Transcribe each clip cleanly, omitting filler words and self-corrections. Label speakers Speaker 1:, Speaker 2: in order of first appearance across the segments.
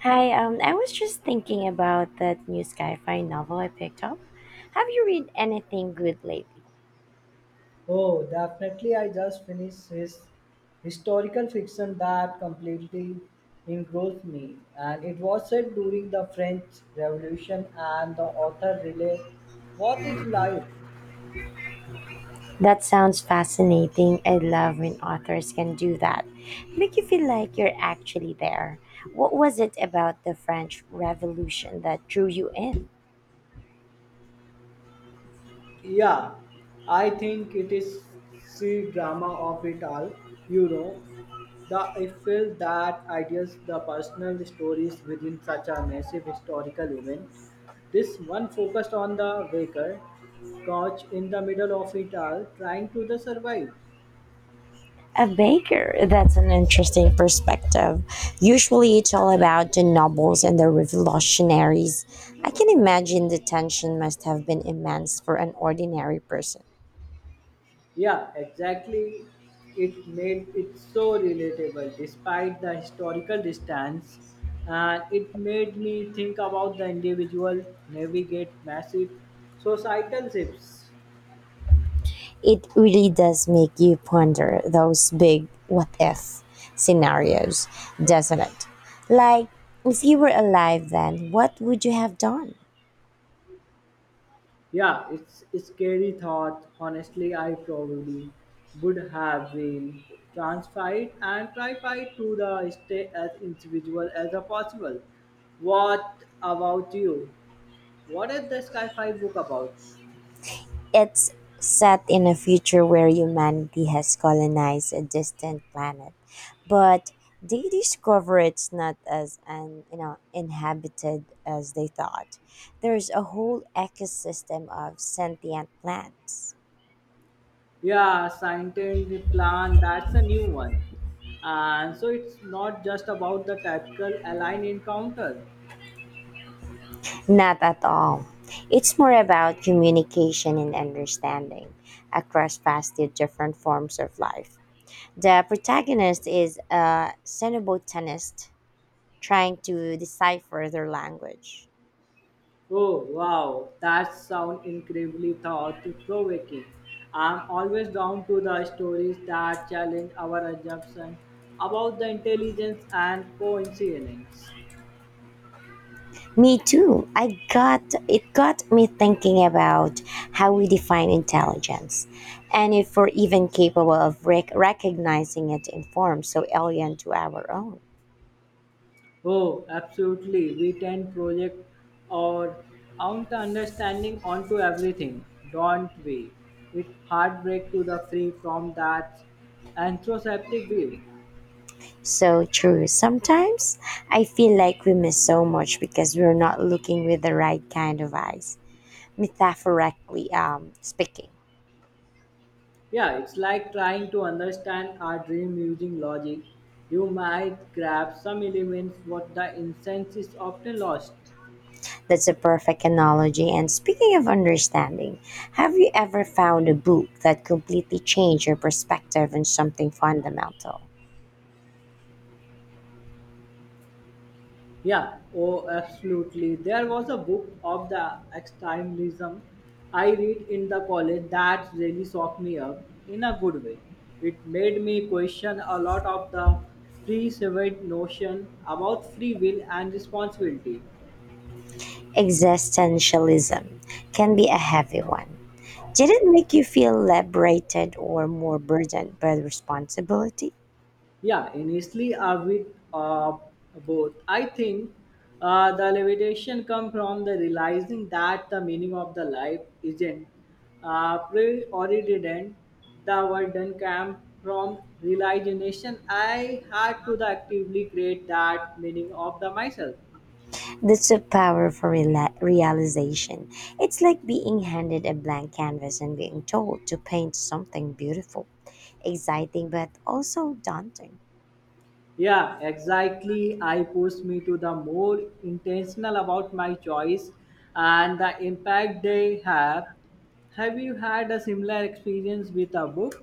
Speaker 1: I was just thinking about that new sci-fi novel I picked up. Have you read anything good lately?
Speaker 2: Oh, definitely. I just finished his historical fiction that completely engrossed me. And it was set during the French Revolution, and the author really was it life.
Speaker 1: That sounds fascinating. I love when authors can do that. Make you feel like you're actually there. What was it about the French Revolution that drew you in?
Speaker 2: Yeah, I think it is the drama of it all. You know, the I feel that ideas, the personal stories within such a massive historical event. This one focused on the baker, couch in the middle of it all, trying to the survive.
Speaker 1: A baker. That's an interesting perspective. Usually it's all about the nobles and the revolutionaries. I can imagine the tension must have been immense for an ordinary person.
Speaker 2: Yeah, exactly. It made it so relatable despite the historical distance, and it made me think about the individual navigate massive societal shifts.
Speaker 1: It really does make you ponder those big what if scenarios, doesn't it? Like, if you were alive then, what would you have done?
Speaker 2: Yeah, it's a scary thought. Honestly, I probably would have been transferred and tried to the stay as individual as a possible. What about you? What is the Sky 5 book about?
Speaker 1: It's set in a future where humanity has colonized a distant planet, but they discover it's not as un, you know inhabited as they thought. There's a whole ecosystem of sentient plants.
Speaker 2: Yeah, Scientent plan, that's a new one. And so it's not just about the typical alien encounter.
Speaker 1: Not at all. It's more about communication and understanding across vastly different forms of life. The protagonist is a xenobotanist trying to decipher their language.
Speaker 2: Oh, wow, that sounds incredibly thought provoking. I'm always drawn to the stories that challenge our assumption about the intelligence and coincidence.
Speaker 1: Me too. I got It got me thinking about how we define intelligence and if we're even capable of recognizing it in forms so alien to our own.
Speaker 2: Oh, absolutely. We tend project our own understanding onto everything, don't we? It heartbreak to the free from that anthroposophic view.
Speaker 1: So true. Sometimes I feel like we miss so much because we're not looking with the right kind of eyes, metaphorically speaking.
Speaker 2: Yeah, it's like trying to understand our dream using logic. You might grab some elements, but the essence is often lost.
Speaker 1: That's a perfect analogy. And speaking of understanding, have you ever found a book that completely changed your perspective on something fundamental?
Speaker 2: Yeah, oh, absolutely. There was a book of the extremism I read in the college that really shocked me up in a good way. It made me question a lot of the preconceived notion about free will and responsibility.
Speaker 1: Existentialism can be a heavy one. Did it make you feel liberated or more burdened by the responsibility?
Speaker 2: Yeah, initially I with uh, both. I think the levitation come from the realizing that the meaning of the life isn't preordained. The word done came from realization. I had to the actively create that meaning of the myself.
Speaker 1: That's a powerful realization. It's like being handed a blank canvas and being told to paint something beautiful, exciting, but also daunting.
Speaker 2: Yeah, exactly. I pushed me to the more intentional about my choice and the impact they have. Have you had a similar experience with a book?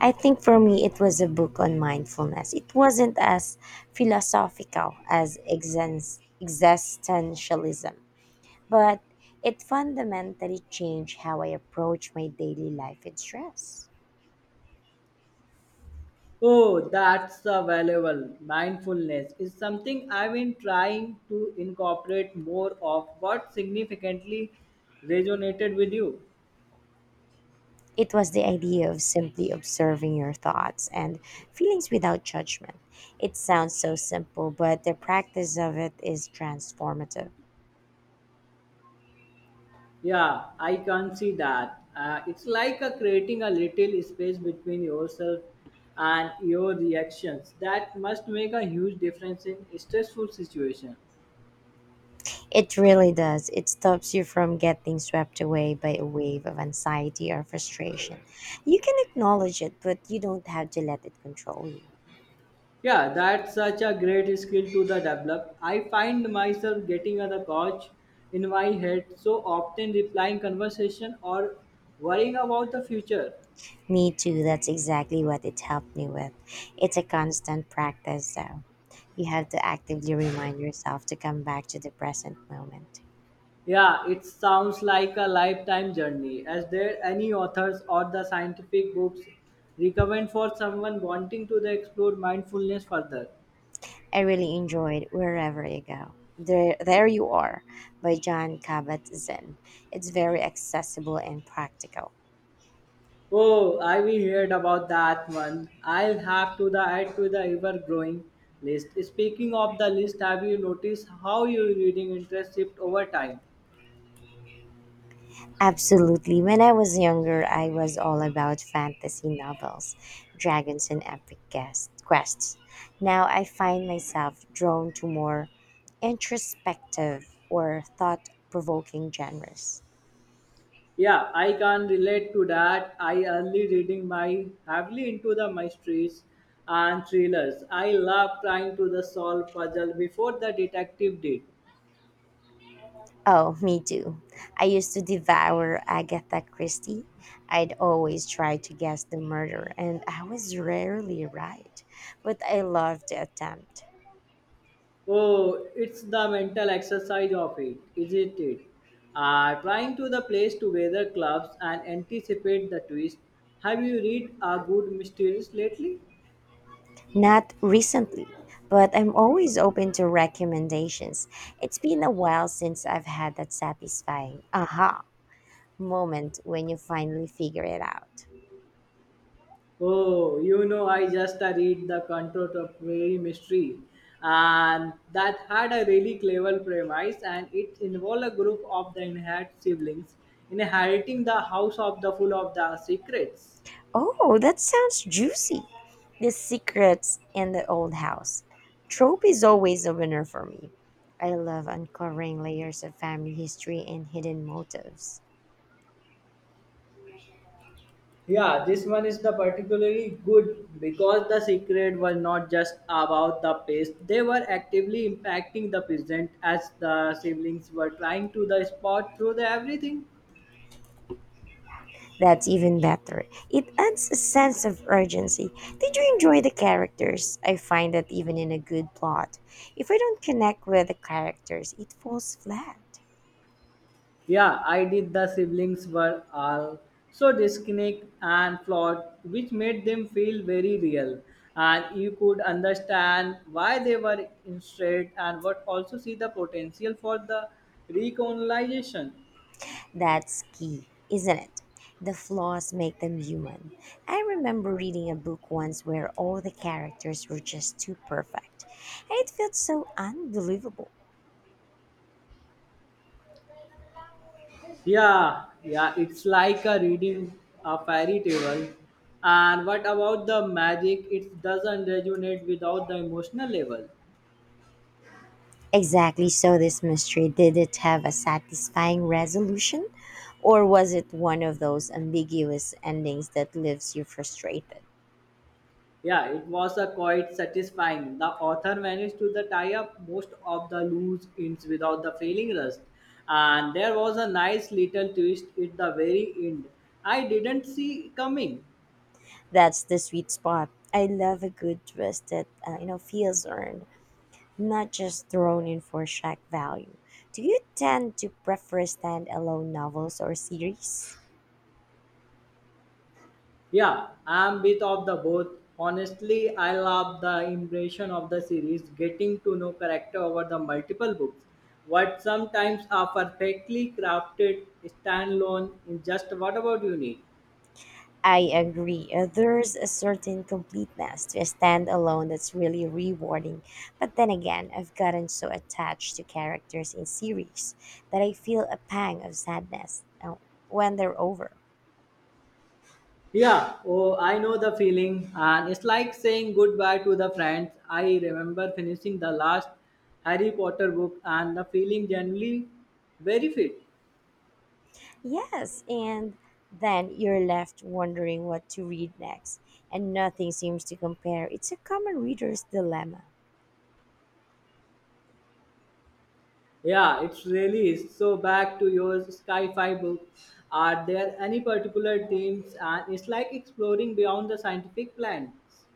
Speaker 1: I think for me, it was a book on mindfulness. It wasn't as philosophical as existentialism, but it fundamentally changed how I approach my daily life and stress.
Speaker 2: Oh, that's a valuable. Mindfulness is something I've been trying to incorporate more of. What significantly resonated with you?
Speaker 1: It was the idea of simply observing your thoughts and feelings without judgment. It sounds so simple, but the practice of it is transformative.
Speaker 2: Yeah, I can see that. It's like creating a little space between yourself and your reactions. That must make a huge difference in stressful situation.
Speaker 1: It really does. It stops you from getting swept away by a wave of anxiety or frustration. You can acknowledge it, but you don't have to let it control you.
Speaker 2: Yeah, that's such a great skill to the develop. I find myself getting on the couch in my head so often replying conversation or worrying about the future.
Speaker 1: Me too, that's exactly what it helped me with. It's a constant practice, though. You have to actively remind yourself to come back to the present moment.
Speaker 2: Yeah, it sounds like a lifetime journey. Is there any authors or the scientific books recommend for someone wanting to the explore mindfulness further?
Speaker 1: I really enjoyed Wherever You Go. There You Are by John Kabat Zinn. It's very accessible and practical.
Speaker 2: Oh, I we heard about that one. I'll have to the add to the ever growing list. Speaking of the list, have you noticed how your reading interest shift over time?
Speaker 1: Absolutely. When I was younger, I was all about fantasy novels, dragons, and epic quests. Now I find myself drawn to more introspective or thought provoking genres.
Speaker 2: Yeah, I can relate to that. I early reading my heavily into the mysteries and thrillers. I love trying to the solve puzzle before the detective did.
Speaker 1: Oh, me too. I used to devour Agatha Christie. I'd always try to guess the murder, and I was rarely right. But I loved the attempt.
Speaker 2: Oh, it's the mental exercise of it, isn't it? Trying to the place together clubs and anticipate the twist. Have you read a good mysteries lately?
Speaker 1: Not recently, but I'm always open to recommendations. It's been a while since I've had that satisfying aha moment when you finally figure it out.
Speaker 2: Oh, you know, I just read the Contour of Prairie Mystery, and that had a really clever premise, and it involved a group of the inherited siblings inheriting the house of the full of the secrets.
Speaker 1: Oh, that sounds juicy. The secrets in the old house. Trope is always a winner for me. I love uncovering layers of family history and hidden motives.
Speaker 2: Yeah, this one is the particularly good because the secret was not just about the past; they were actively impacting the present as the siblings were trying to the spot through the everything.
Speaker 1: That's even better. It adds a sense of urgency. Did you enjoy the characters? I find that even in a good plot, if I don't connect with the characters, it falls flat.
Speaker 2: Yeah, I did. The siblings were all so disconnected and flawed, which made them feel very real. And you could understand why they were straight and would also see the potential for the recolonization.
Speaker 1: That's key, isn't it? The flaws make them human. I remember reading a book once where all the characters were just too perfect. It felt so unbelievable.
Speaker 2: Yeah, yeah, it's like a reading a fairy tale. And what about the magic? It doesn't resonate without the emotional level.
Speaker 1: Exactly so, this mystery did it have a satisfying resolution? Or was it one of those ambiguous endings that leaves you frustrated?
Speaker 2: Yeah, it was a quite satisfying. The author managed to the tie up most of the loose ends without the failing rust, and there was a nice little twist at the very end. I didn't see coming.
Speaker 1: That's the sweet spot. I love a good twist that feels earned. Not just thrown in for shock value. Do you tend to prefer stand-alone novels or series?
Speaker 2: Yeah, I'm bit of the both. Honestly, I love the impression of the series, getting to know character over the multiple books. What sometimes are perfectly crafted standalone in just what about you, Nick?
Speaker 1: I agree. There's a certain completeness to a standalone that's really rewarding. But then again, I've gotten so attached to characters in series that I feel a pang of sadness when they're over.
Speaker 2: Yeah, oh, I know the feeling, and it's like saying goodbye to the friends. I remember finishing the last Harry Potter book and the feeling generally very fit.
Speaker 1: Yes, and then you're left wondering what to read next, and nothing seems to compare. It's a common reader's dilemma.
Speaker 2: Yeah, it's really is. So back to your sci-fi book. Are there any particular themes? And it's like exploring beyond the scientific plans.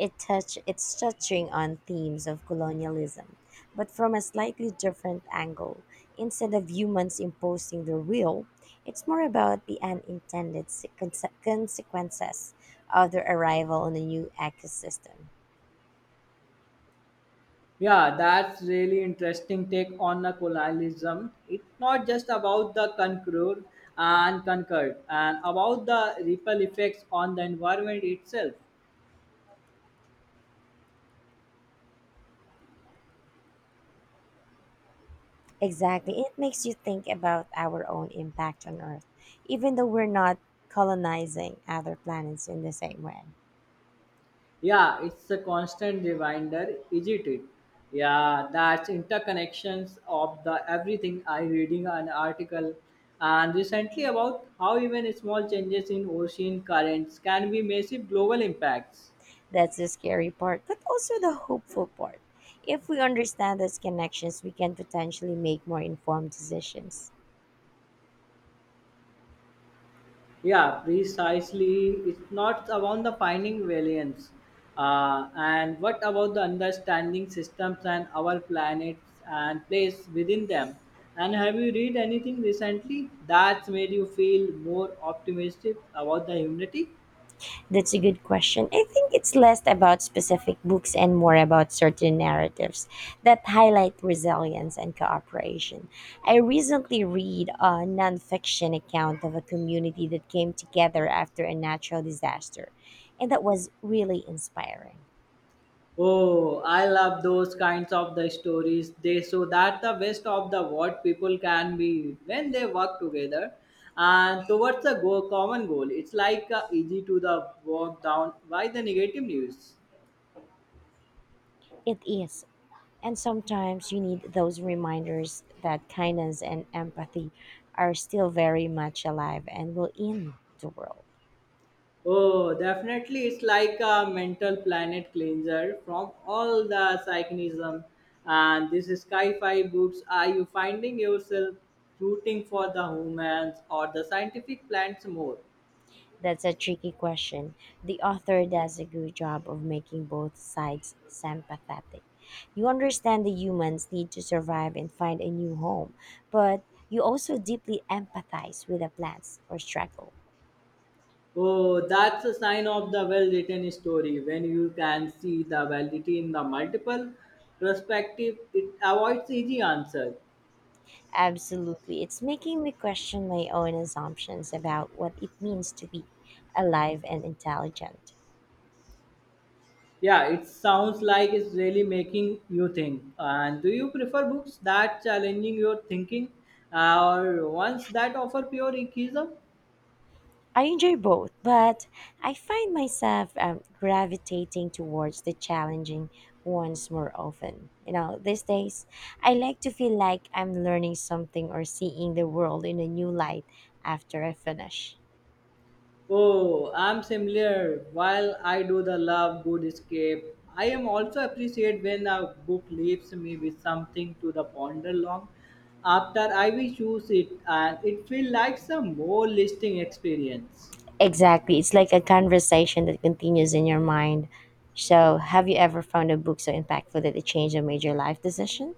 Speaker 1: It's touching on themes of colonialism, but from a slightly different angle. Instead of humans imposing their will, it's more about the unintended consequences of their arrival on a new ecosystem.
Speaker 2: Yeah, that's really interesting take on the colonialism. It's not just about the conqueror and conquered, and about the ripple effects on the environment itself.
Speaker 1: Exactly. It makes you think about our own impact on Earth, even though we're not colonizing other planets in the same way.
Speaker 2: Yeah, it's a constant reminder, isn't it? Yeah, that's interconnections of the everything. I reading an article and recently about how even small changes in ocean currents can be massive global impacts.
Speaker 1: That's the scary part, but also the hopeful part. If we understand those connections, we can potentially make more informed decisions.
Speaker 2: Yeah, precisely. It's not about the finding variants. And what about the understanding systems and our planets and place within them? And have you read anything recently that's made you feel more optimistic about the humanity?
Speaker 1: That's a good question. I think it's less about specific books and more about certain narratives that highlight resilience and cooperation. I recently read a nonfiction account of a community that came together after a natural disaster, and that was really inspiring.
Speaker 2: Oh, I love those kinds of the stories. They show that the best of the what people can be when they work together and towards the go common goal. It's like easy to the walk down by the negative news.
Speaker 1: It is. And sometimes you need those reminders that kindness and empathy are still very much alive and will in the world.
Speaker 2: Oh, definitely, it's like a mental planet cleanser from all the psychinism. And this is sci-fi books. Are you finding yourself rooting for the humans or the scientific plants more?
Speaker 1: That's a tricky question. The author does a good job of making both sides sympathetic. You understand the humans need to survive and find a new home, but you also deeply empathize with the plants or struggle.
Speaker 2: Oh, that's a sign of the well written story. When you can see the validity in the multiple perspective, it avoids easy answer.
Speaker 1: Absolutely. It's making me question my own assumptions about what it means to be alive and intelligent.
Speaker 2: Yeah, it sounds like it's really making you think. And do you prefer books that challenging your thinking or ones that offer pure atheism?
Speaker 1: I enjoy both, but I find myself gravitating towards the challenging ones more often. You know, these days, I like to feel like I'm learning something or seeing the world in a new light after I finish.
Speaker 2: Oh, I'm similar. While I do the love good escape, I am also appreciate when a book leaves me with something to the ponder long after I will choose it and it feels like some more listing experience.
Speaker 1: Exactly. It's like a conversation that continues in your mind. So, have you ever found a book so impactful that it changed a major life decision?